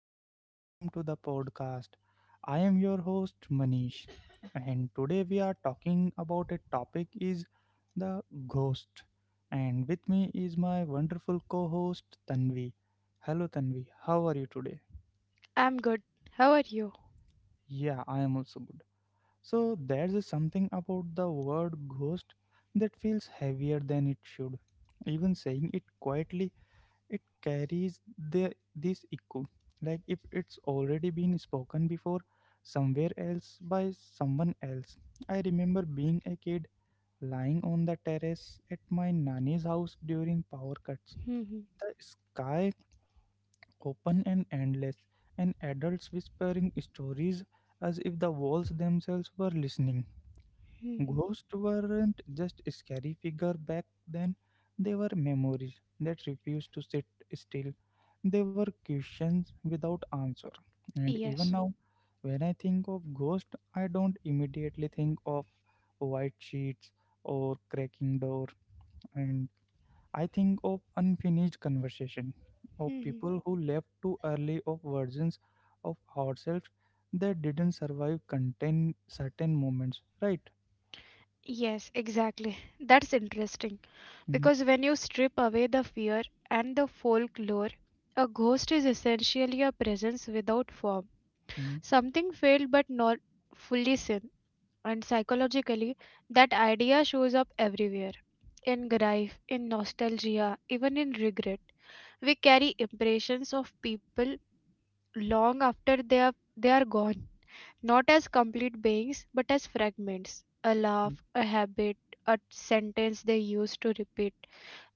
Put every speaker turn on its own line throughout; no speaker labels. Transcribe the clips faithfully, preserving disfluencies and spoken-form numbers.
and welcome to the podcast. I am your host Manish, and today we are talking about a topic is the ghost. And with me is my wonderful co-host Tanvi. Hello, Tanvi. How are you today?
I'm good. How are you?
Yeah, I am also good. So there's a something about the word ghost that feels heavier than it should. Even saying it quietly it carries the this echo, like if it's already been spoken before somewhere else by someone else. I remember being a kid, lying on the terrace at my nanny's house during power cuts,
Mhm,
the sky open and endless, and adults whispering stories as if the walls themselves were listening.
mhm.
Ghosts weren't just scary figure back then, they were memories that refused to sit still. They were questions without answer. And even
Yes.
now, when I think of ghost, I don't immediately think of white sheets or cracking door, and I think of unfinished conversation, of
Mhm.
people who left too early, of versions of ourselves that didn't survive contain certain moments, right?
Yes, exactly. That's interesting
Mhm,
because when you strip away the fear and the folklore, a ghost is essentially a presence without form,
mhm.
something failed but not fully seen. And psychologically, that idea shows up everywhere in grief, in nostalgia, even in regret. We carry impressions of people long after they are, they are gone, not as complete beings, but as fragments, a laugh, a habit, a sentence they used to repeat.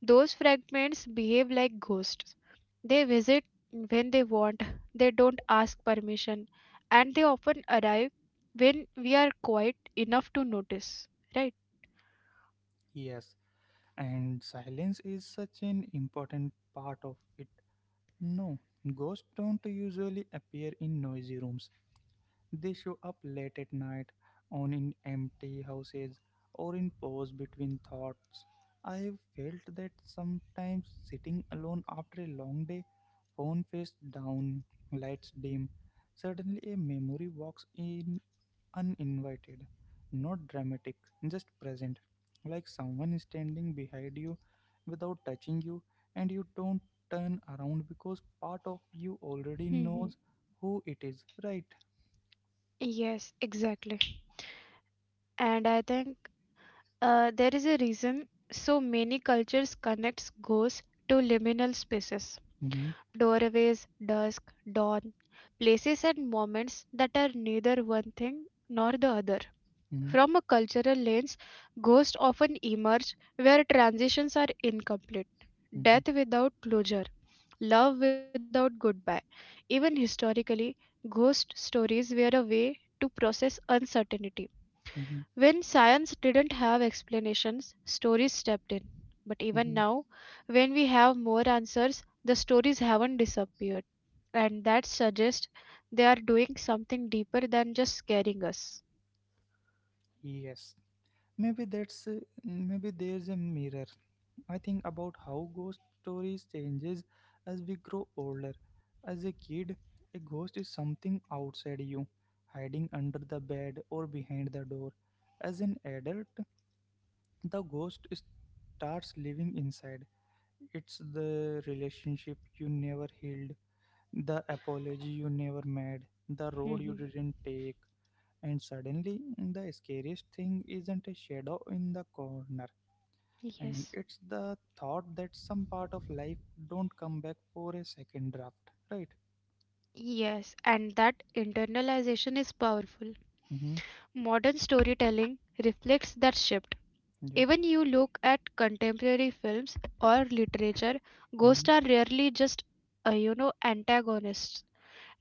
Those fragments behave like ghosts. They visit when they want, they don't ask permission, and they often arrive when we are quiet enough to notice. Right?
Yes, and silence is such an important part of it. No, ghosts don't usually appear in noisy rooms. They show up late at night, on in empty houses, or in pause between thoughts. I've felt that sometimes sitting alone after a long day, phone face down, lights dim, suddenly a memory walks in uninvited, not dramatic, just present. Like someone is standing behind you without touching you, and you don't turn around because part of you already
Mhm.
knows who it is, right?
Yes, exactly. And I think uh, there is a reason so many cultures connects ghosts to liminal spaces.
Mm-hmm,
Doorways, dusk, dawn, places and moments that are neither one thing nor the other.
mm-hmm,
From a cultural lens, ghosts often emerge where transitions are incomplete.
mm-hmm,
Death without closure, love without goodbye. Even historically, ghost stories were a way to process uncertainty.
mm-hmm,
When science didn't have explanations, stories stepped in. But even
mm-hmm.
now, when we have more answers, the stories haven't disappeared. And that suggests they are doing something deeper than just scaring us.
Yes. Maybe that's uh, maybe there's a mirror. I think about how ghost stories changes as we grow older. As a kid, a ghost is something outside you, hiding under the bed or behind the door. As an adult, the ghost is- starts living inside. It's the relationship you never healed, the apology you never made, the road you
Mhm.
didn't take, and suddenly the scariest thing isn't a shadow in the corner, and
Yes.
it's the thought that some part of life don't come back for a second draft, right?
Yes, and that internalization is powerful.
Mm-hmm.
Modern storytelling reflects that shift.
Yeah.
Even you look at contemporary films or literature,
Mm-hmm.
ghosts are rarely just, uh, you know, antagonists.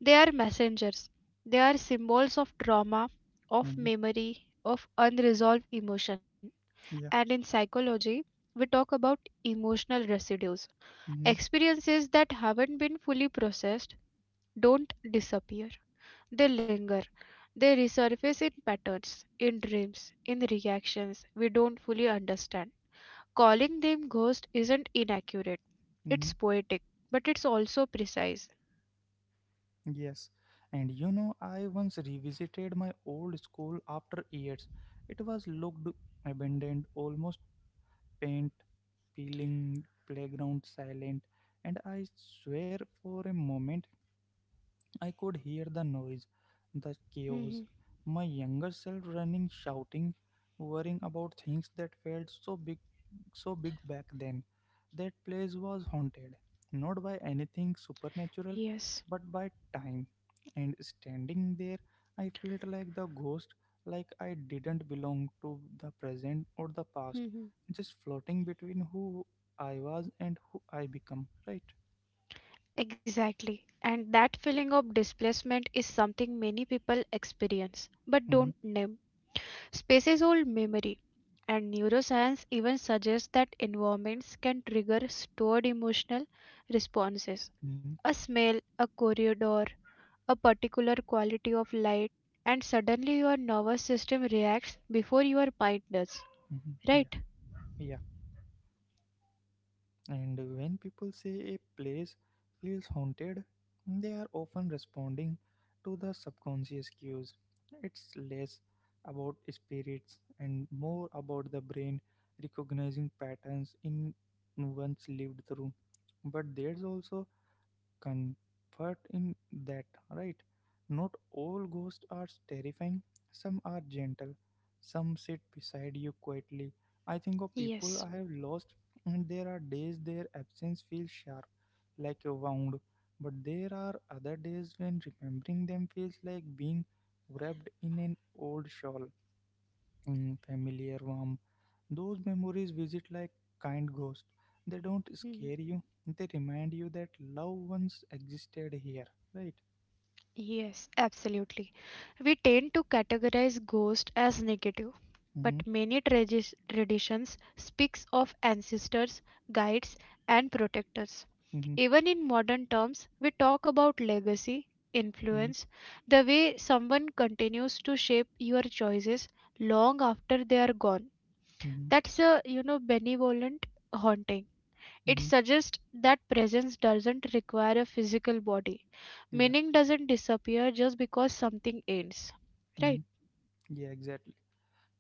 They are messengers. They are symbols of trauma, of
Mm-hmm.
memory, of unresolved emotion. And
Yeah.
in psychology, we talk about emotional residues.
Mm-hmm.
Experiences that haven't been fully processed don't disappear, they linger. They resurface in patterns, in dreams, in reactions we don't fully understand. Calling them ghost isn't inaccurate. It's
Mm-hmm.
poetic, but it's also precise.
Yes, and you know, I once revisited my old school after years. It was looked abandoned, almost, paint peeling, playground silent, and I swear for a moment I could hear the noise, the
Mhm.
chaos, my younger self running, shouting, worrying about things that felt so big, so big back then. That place was haunted, not by anything supernatural,
Yes.
but by time. And standing there, I felt like the ghost, like I didn't belong to the present or the past,
Mhm.
just floating between who I was and who I become. Right?
Exactly. And that feeling of displacement is something many people experience but
Mm-hmm.
don't name. Space is old memory, and neuroscience even suggests that environments can trigger stored emotional responses.
Mm-hmm.
A smell, a corridor, a particular quality of light, and suddenly your nervous system reacts before your mind does.
Mm-hmm. Yeah.
Right?
Yeah. And when people say a place feels haunted, they are often responding to the subconscious cues. It's less about spirits and more about the brain recognizing patterns in one's lived through. But there's also comfort in that, right? Not all ghosts are terrifying, some are gentle, some sit beside you quietly. I think of people I
Yes.
have lost, and there are days their absence feels sharp, like a wound, but there are other days when remembering them feels like being wrapped in an old shawl, mm, familiar, warm. Those memories visit like kind ghosts. They don't
Hmm.
scare you. They remind you that love once existed here, right?
Yes, absolutely. We tend to categorize ghost as negative, but
Mm-hmm.
many tradi- traditions speaks of ancestors, guides and protectors.
Mm-hmm.
Even in modern terms, we talk about legacy,
Mm-hmm.
influence, the way someone continues to shape your choices long after they are gone.
Mm-hmm.
That's a, you know, benevolent haunting. It
Mm-hmm.
suggests that presence doesn't require a physical body.
Yeah.
Meaning doesn't disappear just because something ends.
Mm-hmm.
Right?
Yeah, exactly.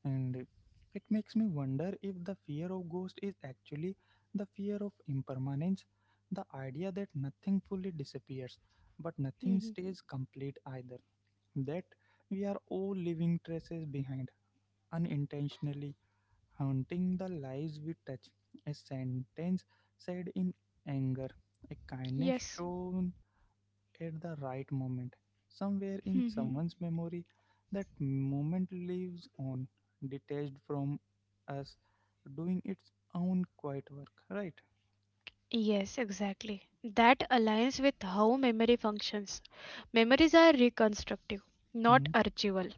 And it makes me wonder if the fear of ghost is actually the fear of impermanence, the idea that nothing fully disappears, but nothing
Hmm.
stays complete either. That we are all leaving traces behind, unintentionally haunting the lives we touch. A sentence said in anger, a kindness
Yes.
shown at the right moment. Somewhere in
Hmm.
someone's memory, that moment lives on, detached from us, doing its own quiet work, right?
Yes, exactly. That aligns with how memory functions. Memories are reconstructive, not
Mm-hmm,
archival.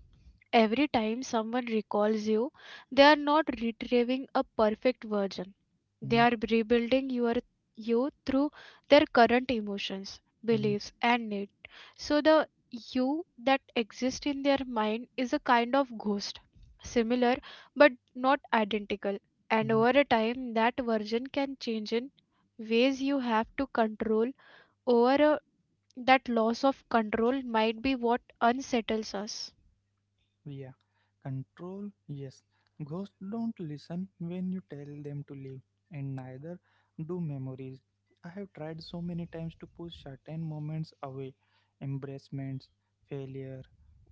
Every time someone recalls you, they are not retrieving a perfect version. They
mm-hmm,
are rebuilding your you through their current emotions,
mm-hmm,
beliefs, and needs. So the you that exists in their mind is a kind of ghost, similar but not identical. And
mm-hmm.
over a time, that version can change in ways you have to control. Over a, that loss of control might be what unsettles us.
Yeah. Control, yes. Ghosts don't listen when you tell them to leave, and neither do memories. I have tried so many times to push certain moments away, embracements, failure,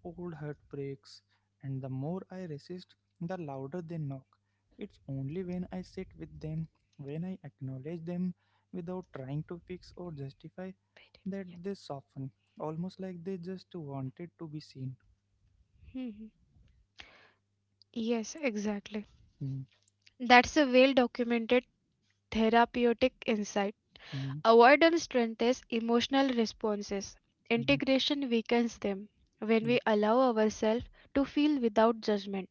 old heartbreaks, and the more I resist, the louder they knock. It's only when I sit with them, when I acknowledge them without trying to fix or justify, that they soften, almost like they just wanted to be seen.
Hmm. hmm. Yes, exactly. That's a well documented therapeutic insight.
Mm-hmm.
Avoidance strengthens emotional responses,
Mhm,
integration weakens them. When
yeah,
we allow ourselves to feel without judgment,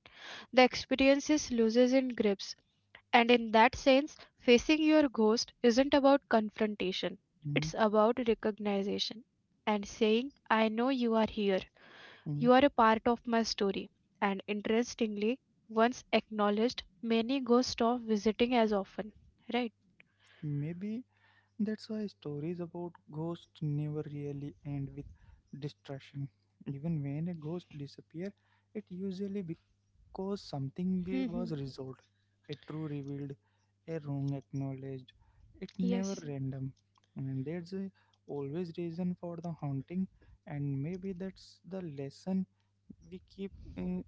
the experiences loses in grips. And in that sense, facing your ghost isn't about confrontation,
mhm,
it's about recognition and saying, I know you are here.
mhm.
You are a part of my story, and interestingly, once acknowledged, many ghosts stop visiting as often, right?
Maybe that's why stories about ghosts never really end with destruction. Even when a ghost disappears, it usually cause something we was
hmm
resolved, a true revealed, a wrong acknowledged. It never
Yes.
random, and there's a always reason for the haunting, and maybe that's the lesson we keep uh,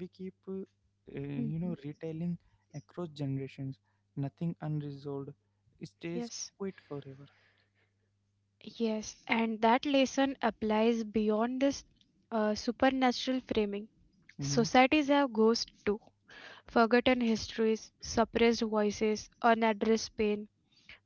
we keep uh, uh, you
hmm
know retelling across generations. Nothing unresolved stays
Yes.
quite forever.
Yes, and that lesson applies beyond this uh, supernatural framing.
Mm-hmm.
Societies have ghosts too. Forgotten histories, suppressed voices, unaddressed pain.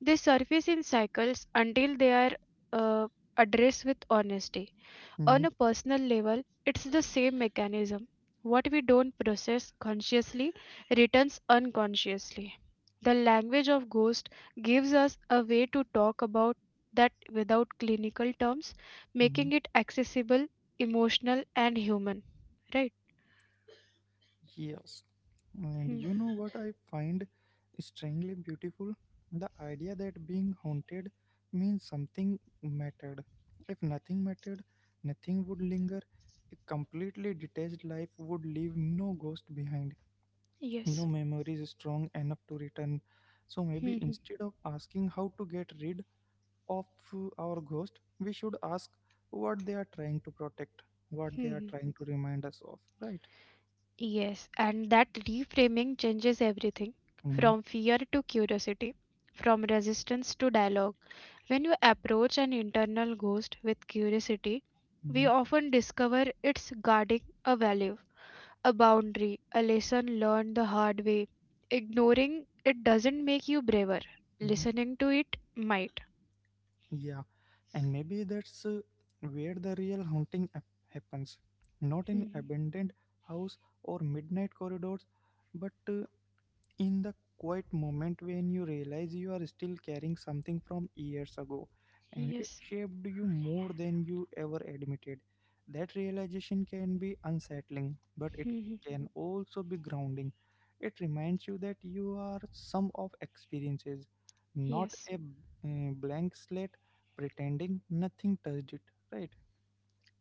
They surface in cycles until they are uh, addressed with honesty.
Mm-hmm.
On a personal level, it's the same mechanism. What we don't process consciously returns unconsciously. The language of ghost gives us a way to talk about that without clinical terms,
Mm-hmm.
making it accessible, emotional, and human. Right?
Yes. And
Hmm.
you know what I find strangely beautiful? The idea that being haunted means something mattered. If nothing mattered, nothing would linger. A completely detached life would leave no ghost behind,
Yes.
no memories strong enough to return. So
Hmm,
maybe
hmm,
instead of asking how to get rid of uh, our ghost, we should ask what they are trying to protect, what they
hmm,
are
hmm.
trying to remind us of, right?
yes. And that reframing changes everything
Mm-hmm,
from fear to curiosity, from resistance to dialogue. When you approach an internal ghost with curiosity, we
mm-hmm,
often discover it's guarding a value, a boundary, a lesson learned the hard way. Ignoring it doesn't make you braver.
mm-hmm.
Listening to it might.
Yeah, and maybe that's uh, where the real haunting hap- happens. Not in
Mhm.
abandoned house or midnight corridors, but uh, in the quiet moment when you realize you are still carrying something from years ago and it
Yes.
shaped you more than you ever admitted. That realization can be unsettling, but it
Mhm.
can also be grounding. It reminds you that you are sum of experiences, not
Yes.
a uh, blank slate pretending nothing touched it, right?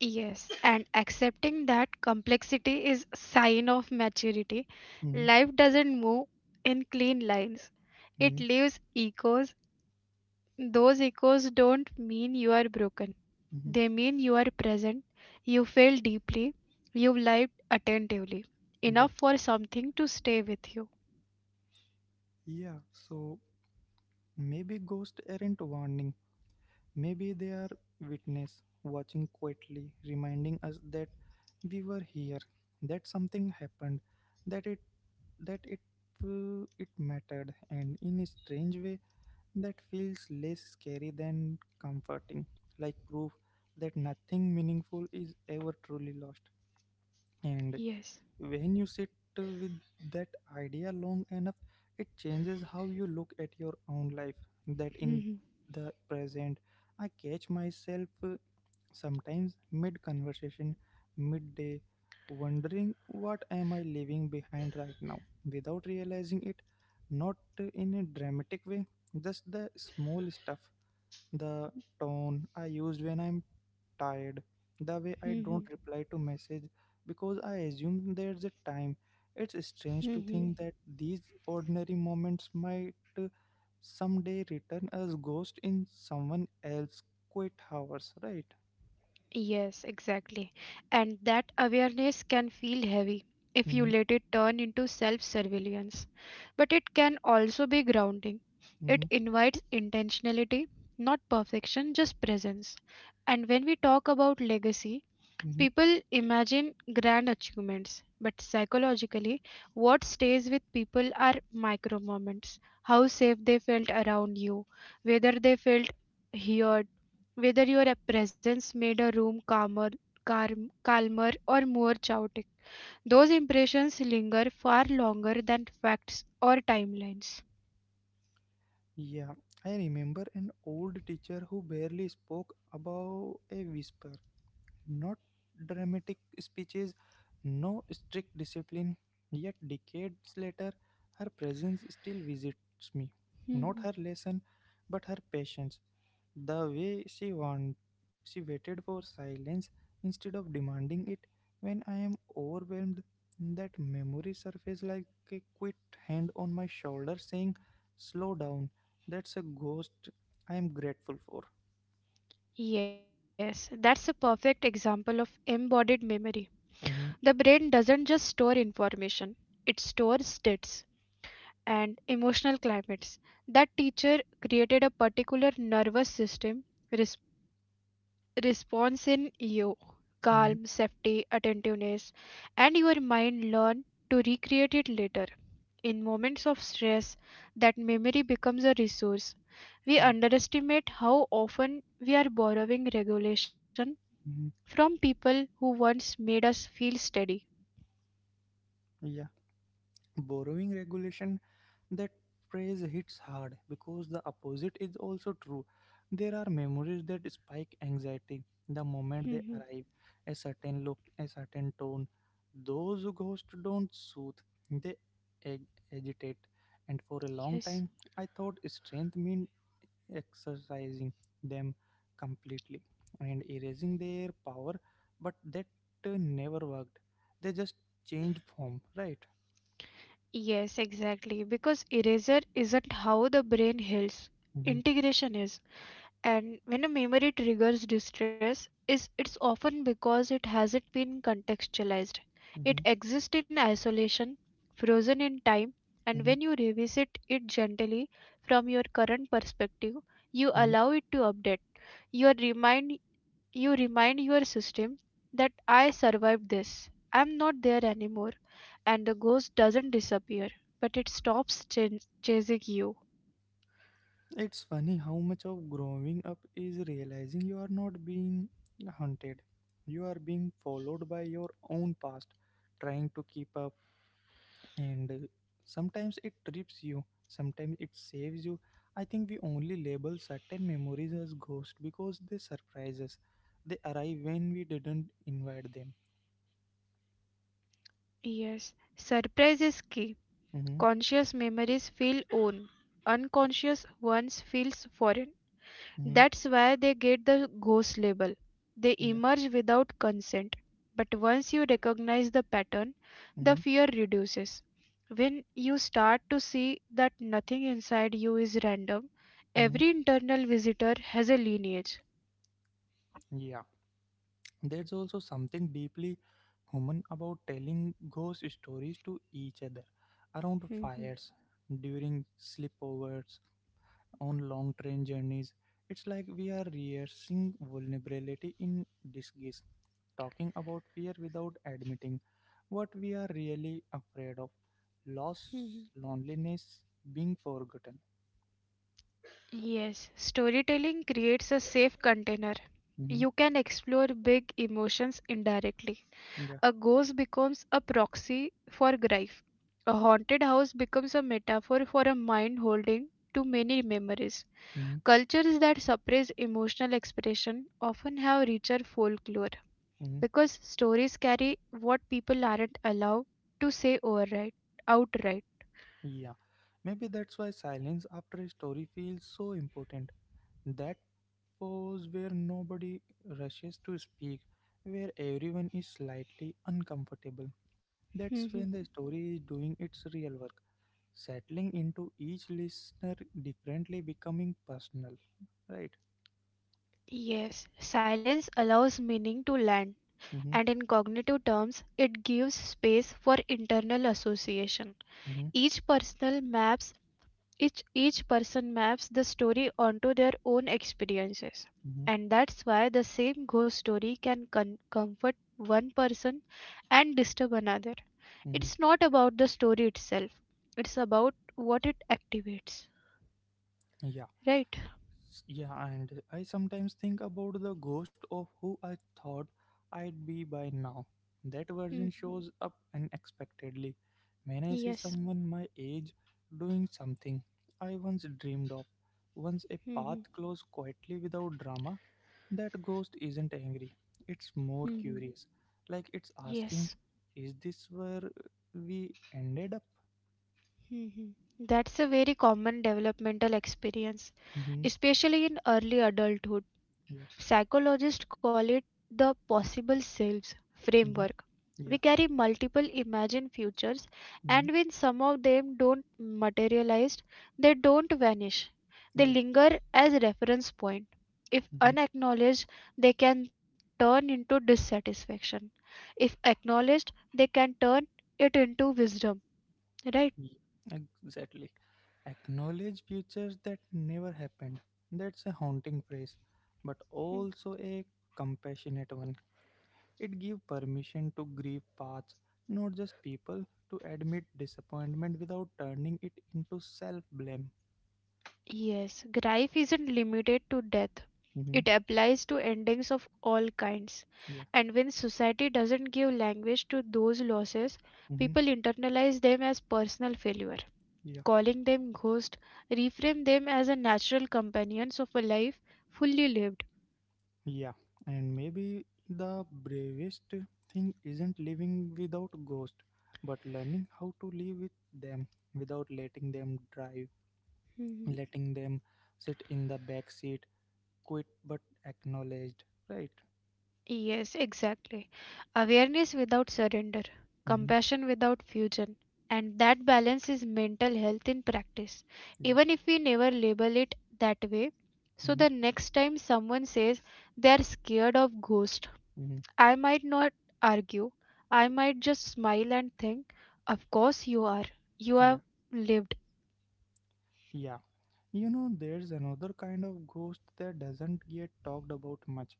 Yes, and accepting that complexity is sign of maturity.
Mm-hmm,
Life doesn't move in clean lines. It
mm-hmm.
leaves echoes. Those echoes don't mean you are broken.
Mm-hmm.
They mean you are present, you feel deeply, you lived attentively,
Yeah,
enough for something to stay with you.
yeah. So maybe ghosts aren't warning. Maybe they are witness watching quietly, reminding us that we were here, that something happened, that it that it uh, it mattered, and in a strange way that feels less scary than comforting, like proof that nothing meaningful is ever truly lost. And
Yes.
when you sit uh, with that idea long enough, it changes how you look at your own life. That in
Mhm,
the present, I catch myself uh, sometimes mid conversation, midday, wondering what am I leaving behind right now without realizing it, not in a dramatic way, just the small stuff, the tone I use when I'm tired, the way I
mhm,
don't reply to message because I assume there's a time. It's strange to
mhm.
think that these ordinary moments might uh, someday return as ghost in someone else's quiet hours, right?
Yes, exactly. And that awareness can feel heavy if you let it turn into self surveillance. But it can also be grounding. It
Mhm,
invites intentionality, not perfection, just presence. And when we talk about legacy,
mhm.
people imagine grand achievements, but psychologically, what stays with people are micro moments, how safe they felt around you, whether they felt heard, whether your presence made a room calmer, calm, calmer or more chaotic. Those impressions linger far longer than facts or timelines.
Yeah, I remember an old teacher who barely spoke above a whisper. Not dramatic speeches, no strict discipline, yet decades later, her presence still visits me. Not her
Mhm.
lesson, but her patience. The way she want, she waited for silence instead of demanding it. When I am overwhelmed, that memory surfaced like a quick hand on my shoulder saying, "Slow down." That's a ghost I am grateful for.
Yes, that's a perfect example of embodied memory.
Hmm.
The brain doesn't just store information, it stores states and emotional climates. That teacher created a particular nervous system res- response in you, calm,
Hmm.
safety, attentiveness, and your mind learn to recreate it later. In moments of stress, that memory becomes a resource. We
Yeah.
underestimate how often we are borrowing regulation from
Hmm.
people who once made us feel steady.
Yeah. Borrowing regulation. That phrase hits hard because the opposite is also true. There are memories that spike anxiety the moment they
Mhm.
arrive. A certain look, a certain tone. Those ghosts don't soothe, they ag- agitate. And for a long
Yes.
time, I thought strength meant exercising them completely and erasing their power, but that uh, never worked. They just changed form, right?
Yes, exactly. Because erasure isn't how the brain heals.
Mm-hmm,
Integration is. And when a memory triggers distress, is it's often because it hasn't been contextualized.
mm-hmm,
It exists in isolation, frozen in time, and
mm-hmm,
when you revisit it gently from your current perspective, you
mm-hmm.
allow it to update. You are remind you remind your system that I survived this. I'm not there anymore, and the ghost doesn't disappear, but it stops ch- chasing you.
It's funny how much of growing up is realizing you are not being hunted. You are being followed by your own past, trying to keep up, and uh, sometimes it trips you, sometimes it saves you. I think we only label certain memories as ghosts because they surprise us. They arrive when we didn't invite them.
Yes, surprise is key.
Mm-hmm,
Conscious memories feel own, unconscious ones feels foreign.
mm-hmm,
That's why they get the ghost label. They
yeah,
emerge without consent. But once you recognize the pattern, the
mm-hmm,
fear reduces. When you start to see that nothing inside you is random,
mm-hmm,
every internal visitor has a lineage.
yeah. There's also something deeply human about telling ghost stories to each other, around
Mhm.
fires, during sleepovers, on long train journeys. It's like we are rehearsing vulnerability in disguise, talking about fear without admitting what we are really afraid of, loss,
mhm.
loneliness, being forgotten.
Yes, storytelling creates a safe container.
Hmm.
You can explore big emotions indirectly.
Yeah.
A ghost becomes a proxy for grief. A haunted house becomes a metaphor for a mind holding too many memories.
Hmm.
Cultures that suppress emotional expression often have richer folklore
Hmm.
because stories carry what people aren't allowed to say outright. outright.
Yeah. Maybe that's why silence after a story feels so important. That pose where nobody rushes to speak, where everyone is slightly uncomfortable. That's when the story is doing its real work, settling into each listener differently, becoming personal. Right?
Yes, silence allows meaning to land,
Mm-hmm,
and in cognitive terms, it gives space for internal association.
mm-hmm,
Each personal maps each, each person maps the story onto their own experiences.
mm-hmm,
And that's why the same ghost story can con- comfort one person and disturb another.
mm-hmm.
It's not about the story itself, it's about what it activates.
Yeah.
Right?
Yeah, and I sometimes think about the ghost of who I thought I'd be by now. That version
hmm
shows up unexpectedly. When I see
Yes.
someone my age doing something I once dreamed of, once a path
hmm
closed quietly without drama, that ghost isn't angry. It's more
hmm
curious. Like it's asking,
Yes.
is this where we ended up?
Mhm. That's a very common developmental experience,
Hmm.
especially in early adulthood.
Yeah.
Psychologists call it the possible selves
Hmm.
framework. We
Yeah.
carry multiple imagined futures,
Hmm.
and when some of them don't materialize, they don't vanish. They
Yeah.
linger as reference point. If
Hmm.
unacknowledged, they can turn into dissatisfaction. If acknowledged, they can turn it into wisdom, right?
Exactly. Acknowledge futures that never happened. That's a haunting phrase, but
Hmm.
also a compassionate one. It gives permission to grieve paths, not just people, to admit disappointment without turning it into self blame.
Yes, grief isn't limited to death.
Hmm.
It applies to endings of all kinds.
Yeah.
And when society doesn't give language to those losses,
Hmm.
people internalize them as personal failure,
Yeah.
calling them ghost, reframe them as a natural companions of a life fully lived.
Yeah. And maybe the bravest thing isn't living without ghosts, but learning how to live with them without letting them drive, letting them sit in the back seat, quit but acknowledged, right?
Yes, exactly. Awareness without surrender,
Mm-hmm.
compassion without fusion, and that balance is mental health in practice,
Yeah.
even if we never label it that way. So,
Mm-hmm.
the next time someone says they are scared of ghosts,
Mm-hmm.
I might not argue, I might just smile and think, of course, you are. You have
yeah
lived.
yeah you know there's another kind of ghost that doesn't get talked about much.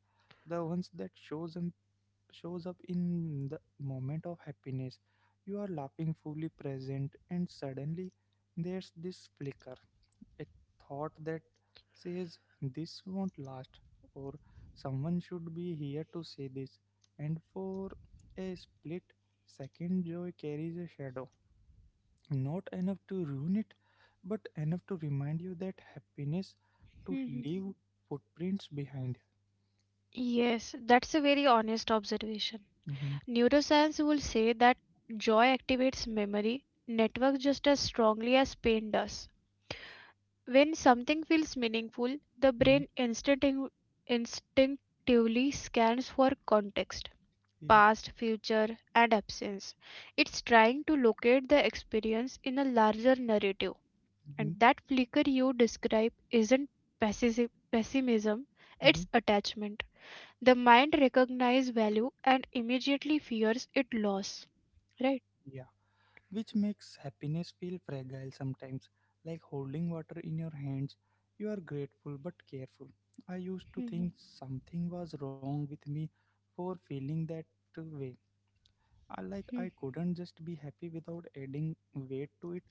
The ones that shows up shows up in the moment of happiness. You are laughing, fully present, and suddenly there's this flicker, a thought that says, "This won't last," or "someone should be here to say this." And for a split second, joy carries a shadow. Not enough to ruin it, but enough to remind you that happiness to
Mhm.
leave footprints behind.
Yes, that's a very honest observation.
hmm
Neuroscience will say that joy activates memory networks just as strongly as pain does. When something feels meaningful, the
hmm
brain instinctiv- instinctively scans for context,
Yeah.
past, future, and absence. It's trying to locate the experience in a larger narrative.
hmm
And that flicker you describe isn't pessi- pessimism,
hmm
it's attachment, the mind recognizes value and immediately fears it loss, right?
Yeah. Which makes happiness feel fragile sometimes, like holding water in your hands. You are grateful but careful. I used to
Mhm.
think something was wrong with me for feeling that way. I, like, I
Mhm.
couldn't just be happy without adding weight to it.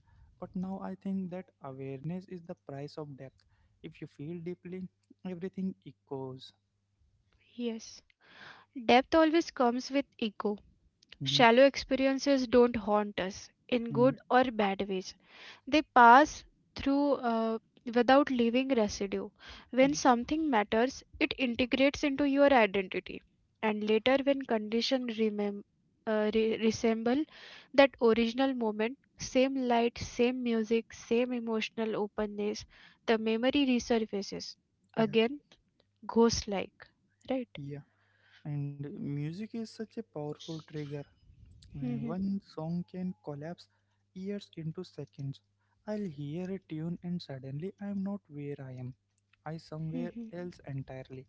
But now I think that awareness is the price of depth. If you feel deeply, everything echoes.
Yes, depth always comes with ego.
hmm
Shallow experiences don't haunt us in
hmm
good or bad ways. They pass through uh, without leaving residue. When
Yeah,
something matters, it integrates into your identity. And later, when conditions remem- uh, re- resemble that original moment, same light, same music, same emotional openness, the memory resurfaces.
yeah,
Again, ghost like, right?
yeah. And music is such a powerful trigger. Uh,
Mhm,
One song can collapse years into seconds. I'll hear a tune and suddenly I'm not where I am. I somewhere
mhm,
else entirely.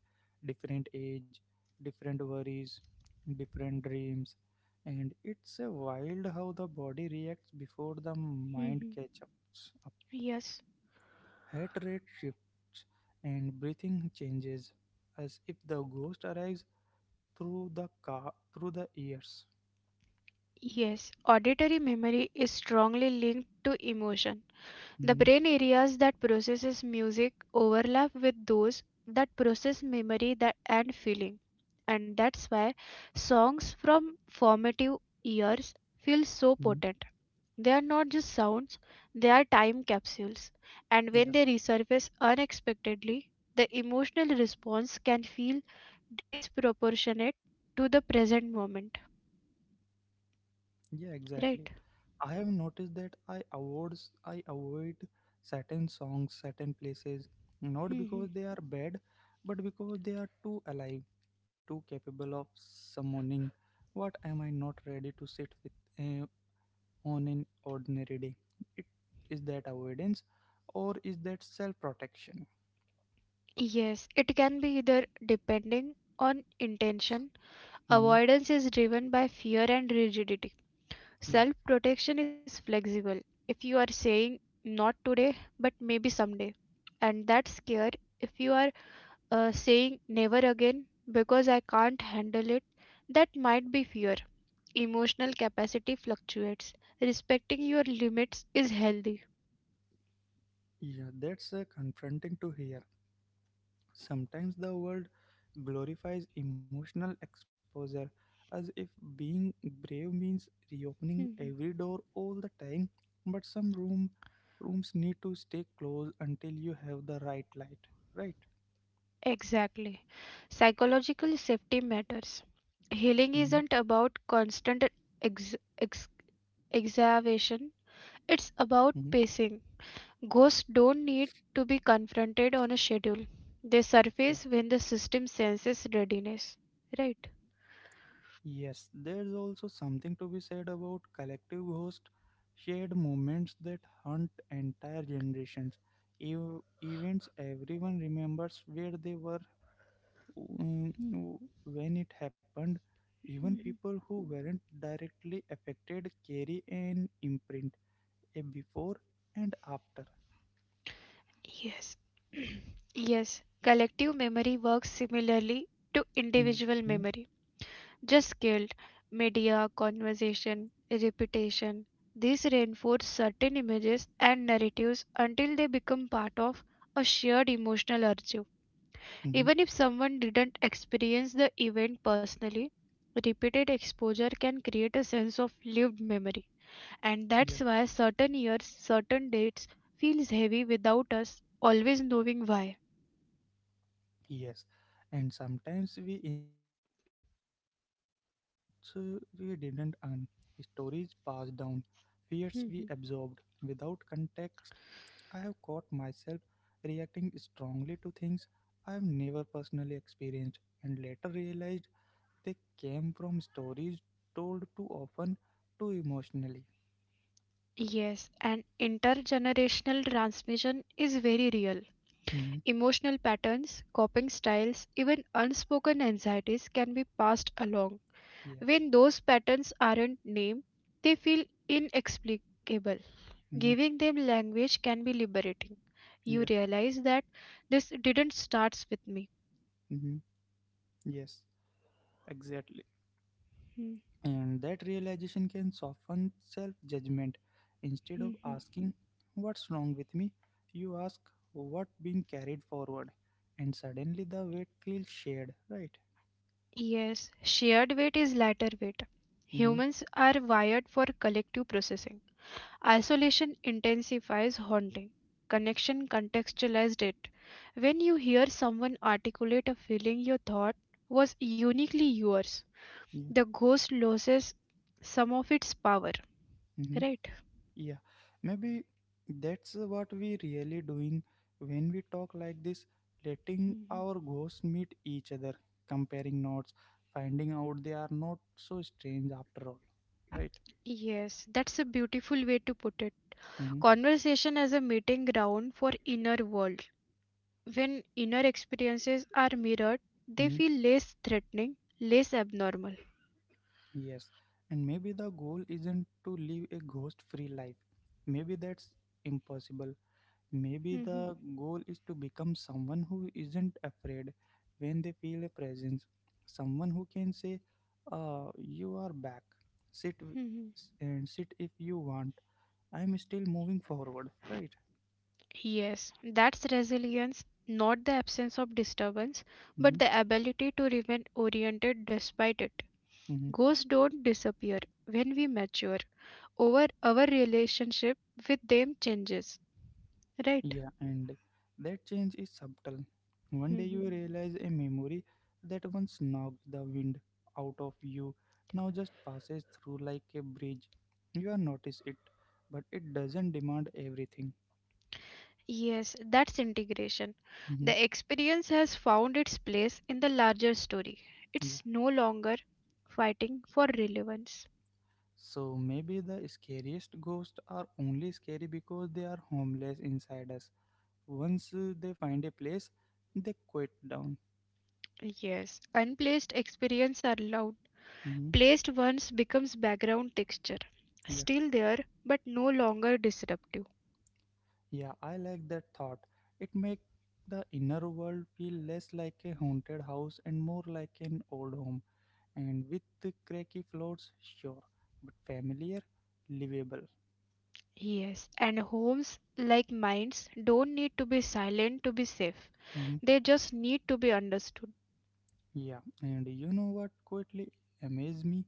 Different age, different worries, different dreams. And it's a wild how the body reacts before the mind
mhm.
catches up.
Yes.
Heart rate shifts and breathing changes as if the ghost arrives through the car through the ears.
Yes, auditory memory is strongly linked to emotion. The
Mhm.
brain areas that processes music overlap with those that process memory that and feeling. And that's why songs from formative years feel so
Mhm.
potent. They are not just sounds, they are time capsules. And when
Yeah.
they resurface unexpectedly, the emotional response can feel disproportionate to the present moment.
Yeah, exactly.
Right?
I have noticed that I avoid I avoid certain songs, certain places, not because
Mhm.
they are bad, but because they are too alive, too capable of summoning what am I not ready to sit with uh, on an ordinary day. It is that avoidance, or is that self protection?
Yes, it can be either depending on intention.
Hmm.
Avoidance is driven by fear and rigidity.
Yeah,
Self protection is flexible. If you are saying not today, but maybe someday, and that's scared. If you are uh, saying never again because I can't handle it, that might be fear. Emotional capacity fluctuates. Respecting your limits is healthy.
yeah, that's uh, confronting to hear. Sometimes the world glorifies emotional exposure as if being brave means reopening
Mhm.
every door all the time, but some room rooms need to stay closed until you have the right light, right?
Exactly. Psychological safety matters. Healing
Hmm.
isn't about constant ex- ex- exacerbation. It's
Hmm.
about pacing. Ghosts don't need to be confronted on a schedule. They
Yeah.
surface when the system senses readiness. Right?
Yes, there's also something to be said about collective ghost, shared moments that haunt entire generations. Ev- events everyone remembers where they were, um, when it happened, even
Mhm.
people who weren't directly affected carry an imprint, a before and after.
Yes. Yes. Collective memory works similarly to
Hmm.
individual memory. Just scaled. Media, conversation, repetition. These reinforce certain images and narratives until they become part of a shared emotional archive.
Hmm.
Even if someone didn't experience the event personally, repeated exposure can create a sense of lived memory. And
Yeah,
that's why certain years, certain dates feels heavy without us always knowing why.
yes. And sometimes we inherit ghosts uh, we didn't earn, stories passed down, fears we absorbed
Mhm.
without context. I have caught myself reacting strongly to things I've never personally experienced and later realized they came from stories told too often, too emotionally.
Yes, and intergenerational transmission is very real.
Hmm.
Emotional patterns, coping styles, even unspoken anxieties can be passed along.
Yeah.
When those patterns aren't named, they feel inexplicable.
Hmm.
Giving them language can be liberating. You
Yeah.
realize that this didn't start with me.
Hmm. Yes. Exactly.
Hmm,
And that realization can soften self judgment. Instead
hmm,
of
hmm.
asking, "What's wrong with me?" you ask, "What being carried forward?" And suddenly the weight feels shared, right?
Yes, shared weight is lighter weight.
Hmm.
Humans are wired for collective processing. Isolation intensifies haunting. Connection contextualized it. When you hear someone articulate a feeling you thought was uniquely yours,
Yeah.
the ghost loses some of its power,
Mm-hmm.
right?
Yeah, maybe that's uh, what we really doing when we talk like this, letting
Mhm.
our ghosts meet each other, comparing notes, finding out they are not so strange after all. Right?
Yes, that's a beautiful way to put it.
Mm-hmm.
Conversation as a meeting ground for inner world. When inner experiences are mirrored, they
Mm-hmm.
feel less threatening, less abnormal.
Yes. And maybe the goal isn't to live a ghost free life. Maybe that's impossible. Maybe
Mhm,
the goal is to become someone who isn't afraid when they feel a presence, someone who can say, uh, "You are back. Sit w-
mhm.
s- and sit if you want. I'm still moving forward." Right?
Yes, that's resilience, not the absence of disturbance,
Mm-hmm.
but the ability to remain oriented despite it.
Mm-hmm.
Ghosts don't disappear when we mature. Over our relationship with them changes, right?
Yeah, and that change is subtle. One day you realize a memory that once knocked the wind out of you now just passes through like a bridge. You are notice it, but it doesn't demand everything.
Yes, that's integration.
Mm-hmm.
The experience has found its place in the larger story.
Yeah.
It's no longer fighting for relevance.
So maybe the scariest ghosts are only scary because they are homeless inside us. Once uh, they find a place, they quit down.
Yes, unplaced experience are loud.
Hmm.
Placed ones becomes background texture.
Yeah.
Still there, but no longer disruptive.
Yeah, I like that thought. It makes the inner world feel less like a haunted house and more like an old home. And with the cracky floors, sure, but familiar, livable.
Yes, and homes like minds don't need to be silent to be safe.
Mm-hmm.
They just need to be understood.
Yeah, and you know what quietly amazed me?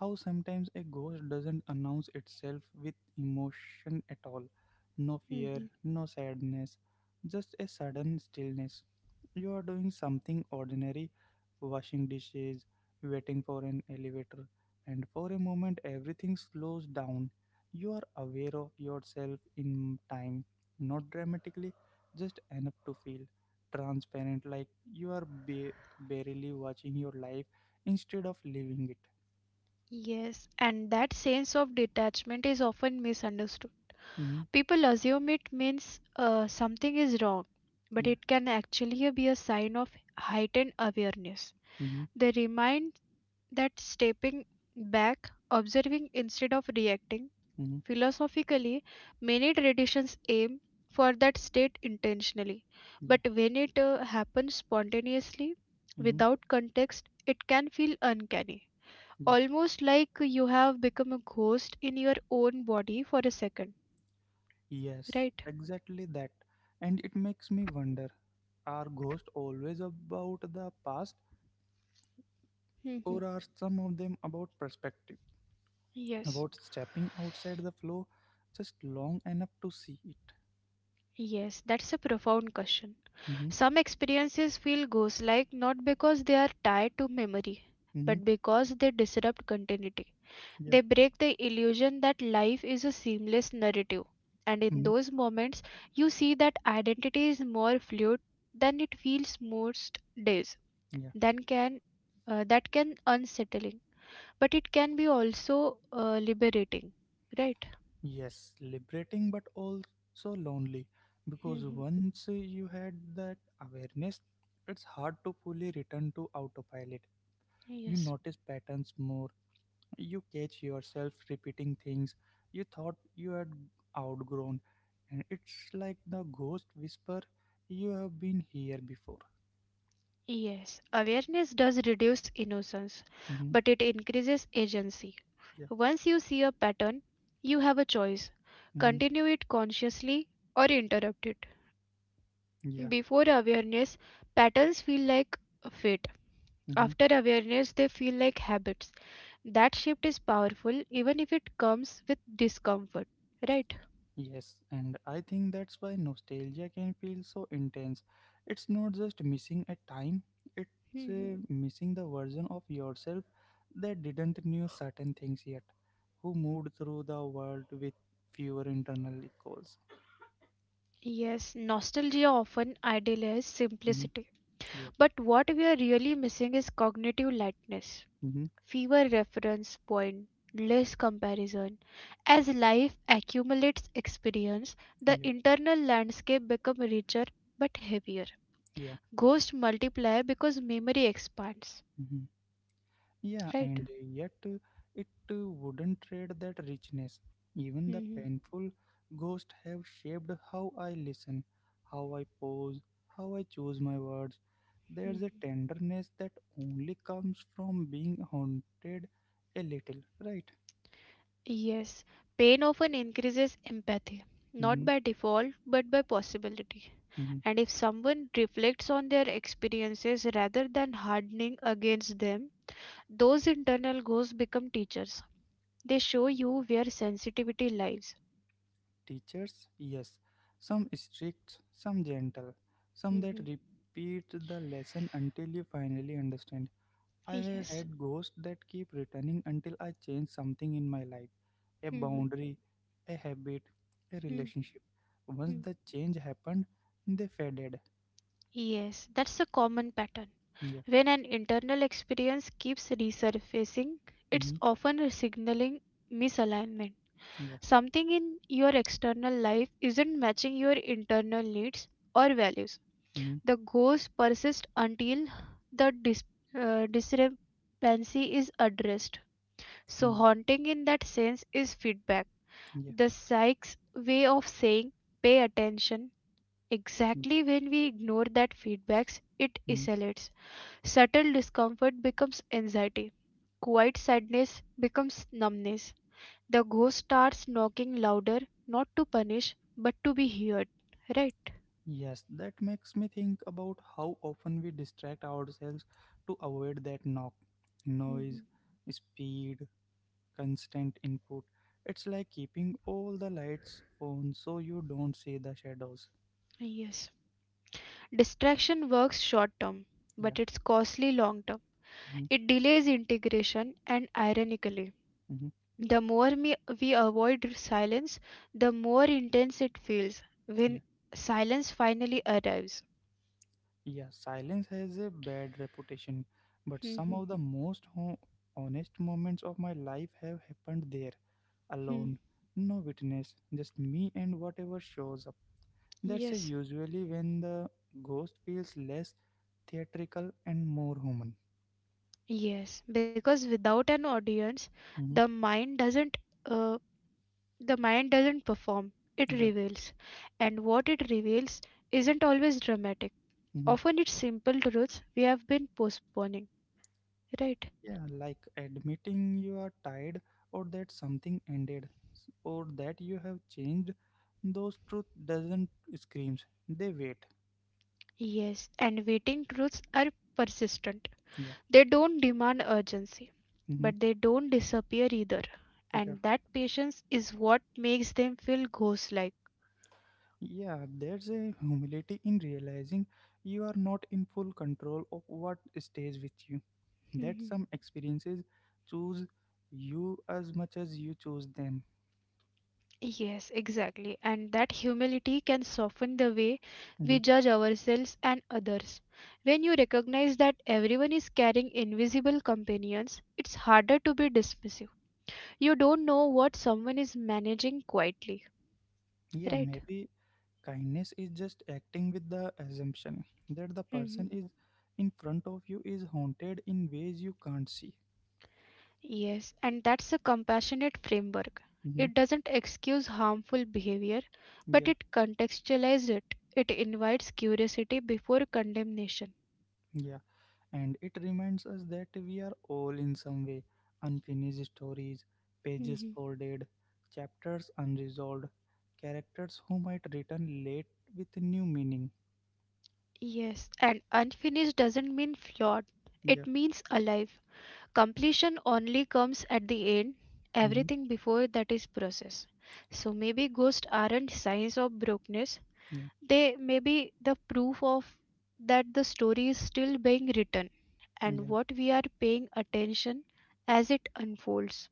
How sometimes a ghost doesn't announce itself with emotion at all. No fear,
Mhm.
no sadness, just a sudden stillness. You are doing something ordinary, washing dishes, waiting for an elevator, and for a moment everything slows down. You are aware of yourself in time, not dramatically, just enough to feel transparent like you are ba- barely watching your life instead of living it.
Yes, and that sense of detachment is often misunderstood.
Hmm.
People assume it means uh, something is wrong, but
Yeah.
it can actually be a sign of heightened awareness.
hmm
They remind that stepping back, observing instead of reacting,
hmm
philosophically, many traditions aim for that state intentionally,
Yeah.
but when it uh, happens spontaneously,
Hmm.
without context, it can feel uncanny.
Yeah.
Almost like you have become a ghost in your own body for a second,
Yes,
right?
exactly that. And it makes me wonder, are ghosts always about the past,
Hmm.
or are some of them about perspective,
Yes.
about stepping outside the flow just long enough to see it?
Yes, that's a profound question.
Hmm.
Some experiences feel ghost like not because they are tied to memory,
Hmm.
but because they disrupt continuity.
Yeah.
They break the illusion that life is a seamless narrative. And in
Mhm.
those moments, you see that identity is more fluid than it feels most days. Then can uh, that can unsettling, but it can be also uh, liberating, right?
Yes, liberating but also lonely because
Hmm.
once you had that awareness, it's hard to fully return to autopilot. You
Yes.
notice patterns more, you catch yourself repeating things you thought you had outgrown, and it's like the ghost whisper you have been here before.
Yes, awareness does reduce innocence,
Mm-hmm.
but it increases agency.
Yeah,
Once you see a pattern, you have a choice
mm-hmm.
continue it consciously or interrupt it.
Yeah,
Before awareness, patterns feel like fate.
mm-hmm.
After awareness, they feel like habits. That shift is powerful even if it comes with discomfort, right?
Yes, and I think that's why nostalgia can feel so intense. It's not just missing a time, it's
Mhm.
uh, missing the version of yourself that didn't knew certain things yet, who moved through the world with fewer internal echoes.
Yes, nostalgia often idealizes
Mhm,
simplicity.
yeah.
But what we are really missing is cognitive lightness.
Hmm.
Fewer reference point, less comparison. As life accumulates experience, the
Yeah.
internal landscape become richer but heavier.
Yeah.
Ghosts multiply because memory expands,
Mm-hmm. Yeah,
right?
and yet uh, it uh, wouldn't trade that richness. Even the
Mhm,
painful ghosts have shaped how I listen, how I pose, how I choose my words. There's a
mhm.
tenderness that only comes from being haunted a little, right?
Yes, pain often increases empathy, not
hmm
by default but by possibility.
hmm
And if someone reflects on their experiences rather than hardening against them, those internal ghosts become teachers. They show you where sensitivity lies.
Teachers, yes. Some strict, some gentle, some that
Mm-hmm.
repeat the lesson until you finally understand. I
Yes.
had ghosts that keep returning until I change something in my life, a
Mm-hmm.
boundary, a habit, a
Mm-hmm.
relationship. Once the change happened, they faded.
Yes, that's a common pattern.
Yeah.
When an internal experience keeps resurfacing, it's
Hmm.
often signaling misalignment.
Yeah.
Something in your external life isn't matching your internal needs or values.
Hmm.
The ghost persists until the dis- uh, discrepancy is addressed. So,
Yeah.
haunting in that sense is feedback.
Yeah.
The psych's way of saying pay attention exactly when we ignore that feedbacks it
Mhm.
isolates. Subtle discomfort becomes anxiety. Quiet sadness becomes numbness. The ghost starts knocking louder, not to punish, but to be heard. Right?
Yes, that makes me think about how often we distract ourselves to avoid that knock,
Mhm.
noise, speed, constant input. It's like keeping all the lights on so you don't see the shadows.
Yes. Distraction works short term,
Yeah.
but it's costly long term.
Mm-hmm.
It delays integration and ironically
Mm-hmm.
the more me, we avoid silence, the more intense it feels
Yeah,
when silence finally arrives.
yeah. Silence has a bad reputation, but some
Hmm,
of the most ho- honest moments of my life have happened there,
hmm.
alone, no witness, just me and whatever shows up. That's a
Yes,
usually when the ghost feels less theatrical and more human.
yes, because without an audience, the
Hmm.
mind doesn't uh, the mind doesn't perform. It
Yeah,
reveals, and what it reveals isn't always dramatic.
hmm,
Often it's simple truths we have been postponing, right?
yeah. Like admitting you are tired, or that something ended, s- or that you have changed. Those truth doesn't screams. They wait.
Yes, and waiting truths are persistent. They don't demand urgency,
Yeah.
but they don't disappear either.
Yeah,
And that patience is what makes them feel ghost like.
yeah, there's a humility in realizing you are not in full control of what stays with you. That
Mhm.
some experiences choose you as much as you choose them.
Yes, exactly. And that humility can soften the way we
Mhm.
judge ourselves and others. When you recognize that everyone is carrying invisible companions, it's harder to be dismissive. You don't know what someone is managing quietly,
Yeah,
right?
maybe kindness is just acting with the assumption that the person
Mhm.
is in front of you is haunted in ways you can't see.
Yes, and that's a compassionate framework.
Mhm.
It doesn't excuse harmful behavior, but
Yeah,
it contextualizes it. It invites curiosity before condemnation.
yeah. And it reminds us that we are all in some way unfinished stories, pages
Mhm.
folded, chapters unresolved, characters who might return late with new meaning.
Yes, and unfinished doesn't mean flawed,
Yeah,
it means alive. Completion only comes at the end,
hmm,
everything before that is process. So maybe ghosts aren't signs of brokenness,
yeah,
they may be the proof of that the story is still being written and
yeah,
what we are paying attention as it unfolds.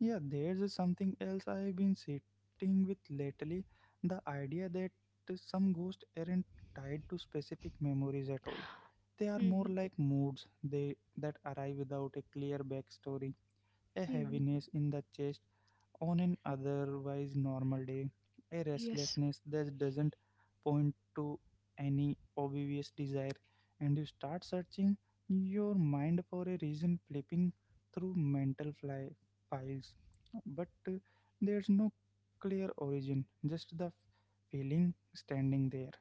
yeah. There's something else I've been sitting with lately, the idea that some ghosts aren't tied to specific memories at all. They are more
Mhm,
like moods they that arrive without a clear backstory, a
mhm.
heaviness in the chest on an otherwise normal day, a
Yes,
restlessness that doesn't point to any obvious desire, and you start searching your mind for a reason, flipping through mental fly- files. But uh, there's no clear origin, just the feeling standing there.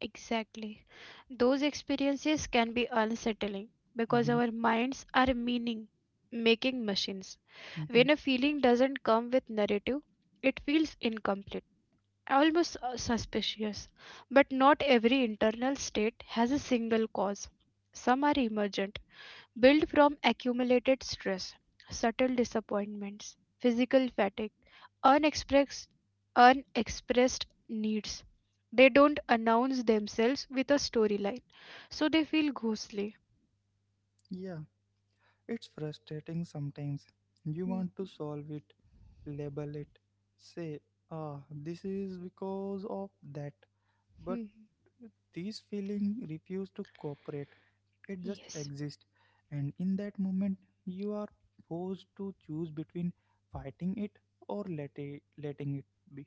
exactly. Those experiences can be unsettling because
Mhm,
our minds are meaning making machines.
mhm.
When a feeling doesn't come with narrative, it feels incomplete, almost uh, suspicious. But not every internal state has a single cause. Some are emergent, build from accumulated stress, subtle disappointments, physical fatigue, unexpressed unexpressed needs. They don't announce themselves with a storyline, so they feel ghostly.
Yeah, it's frustrating sometimes. You
Hmm,
want to solve it, label it, say, ah, this is because of that. But
hmm, hmm.
these feelings refuse to cooperate, it just
Yes,
exists. And in that moment, you are forced to choose between fighting it or let it, letting it be.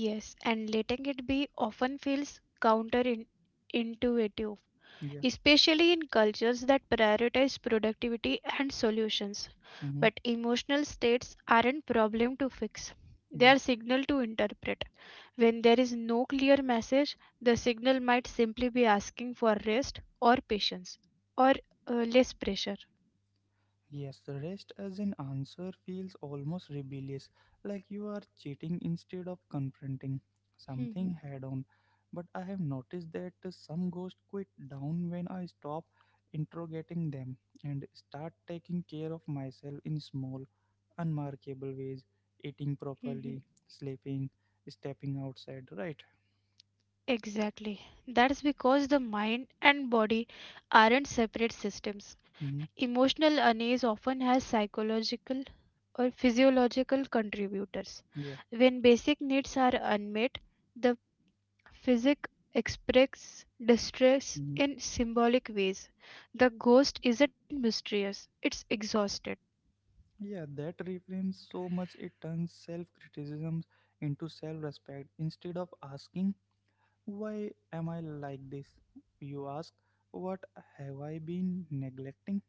yes, and letting it be often feels counterintuitive,
Yeah.
especially in cultures that prioritize productivity and solutions.
Mm-hmm.
But emotional states aren't problem to fix. They
Yeah.
are signal to interpret. When there is no clear message, the signal might simply be asking for rest or patience or uh, less pressure.
Yes, rest as an answer feels almost rebellious, like you are cheating instead of confronting something
Mhm,
head on. But I have noticed that some ghosts quit down when I stop interrogating them and start taking care of myself in small, unmarkable ways, eating
mhm.
properly, sleeping, stepping outside, right?
Exactly. That's because the mind and body aren't separate systems.
Mm-hmm.
Emotional unease often has psychological or physiological contributors.
Yeah.
When basic needs are unmet, the Physic expresses distress
Mm-hmm.
in symbolic ways. The ghost isn't mysterious, it's exhausted.
Yeah, that reframes so much, it turns self criticism into self respect. Instead of asking, "Why am I like this?" you ask, "What have I been neglecting?"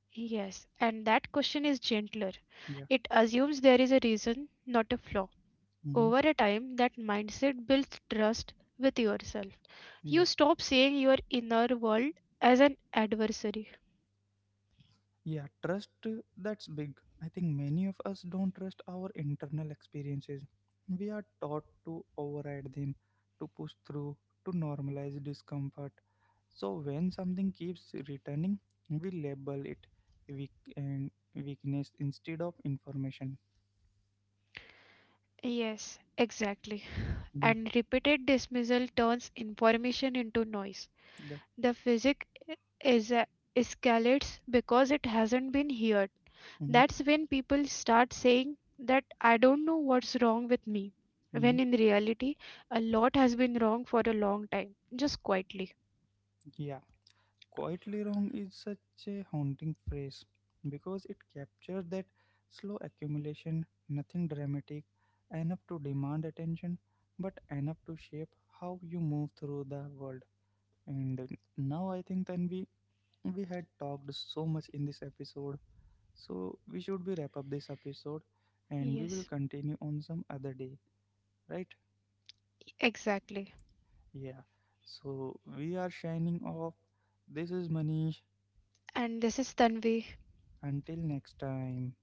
Yes, and that question is gentler.
Yeah,
It assumes there is a reason, not a flaw.
mm-hmm.
Over a time, that mindset builds trust with yourself.
Yeah.
You stop seeing your inner world as an adversary.
Yeah, trust, uh, that's big. I think many of us don't trust our internal experiences. We are taught to override them, to push through, to normalize discomfort. So when something keeps returning, we label it weak and weakness instead of information.
Yes, exactly.
hmm
And repeated dismissal turns information into noise.
The,
The physic is uh, escalates because it hasn't been heard.
mm-hmm.
That's when people start saying that I don't know what's wrong with me,
Mm-hmm.
when in reality, a lot has been wrong for a long time, just quietly.
Yeah. Quietly wrong is such a haunting phrase because it captures that slow accumulation, nothing dramatic, enough to demand attention, but enough to shape how you move through the world. And uh, now I think, Tanvi, we had talked so much in this episode, so we should be wrap up this episode and we will
Yes,
continue on some other day, right?
exactly.
Yeah. So we are shining off. This is Manish.
And this is Tanvi.
Until next time.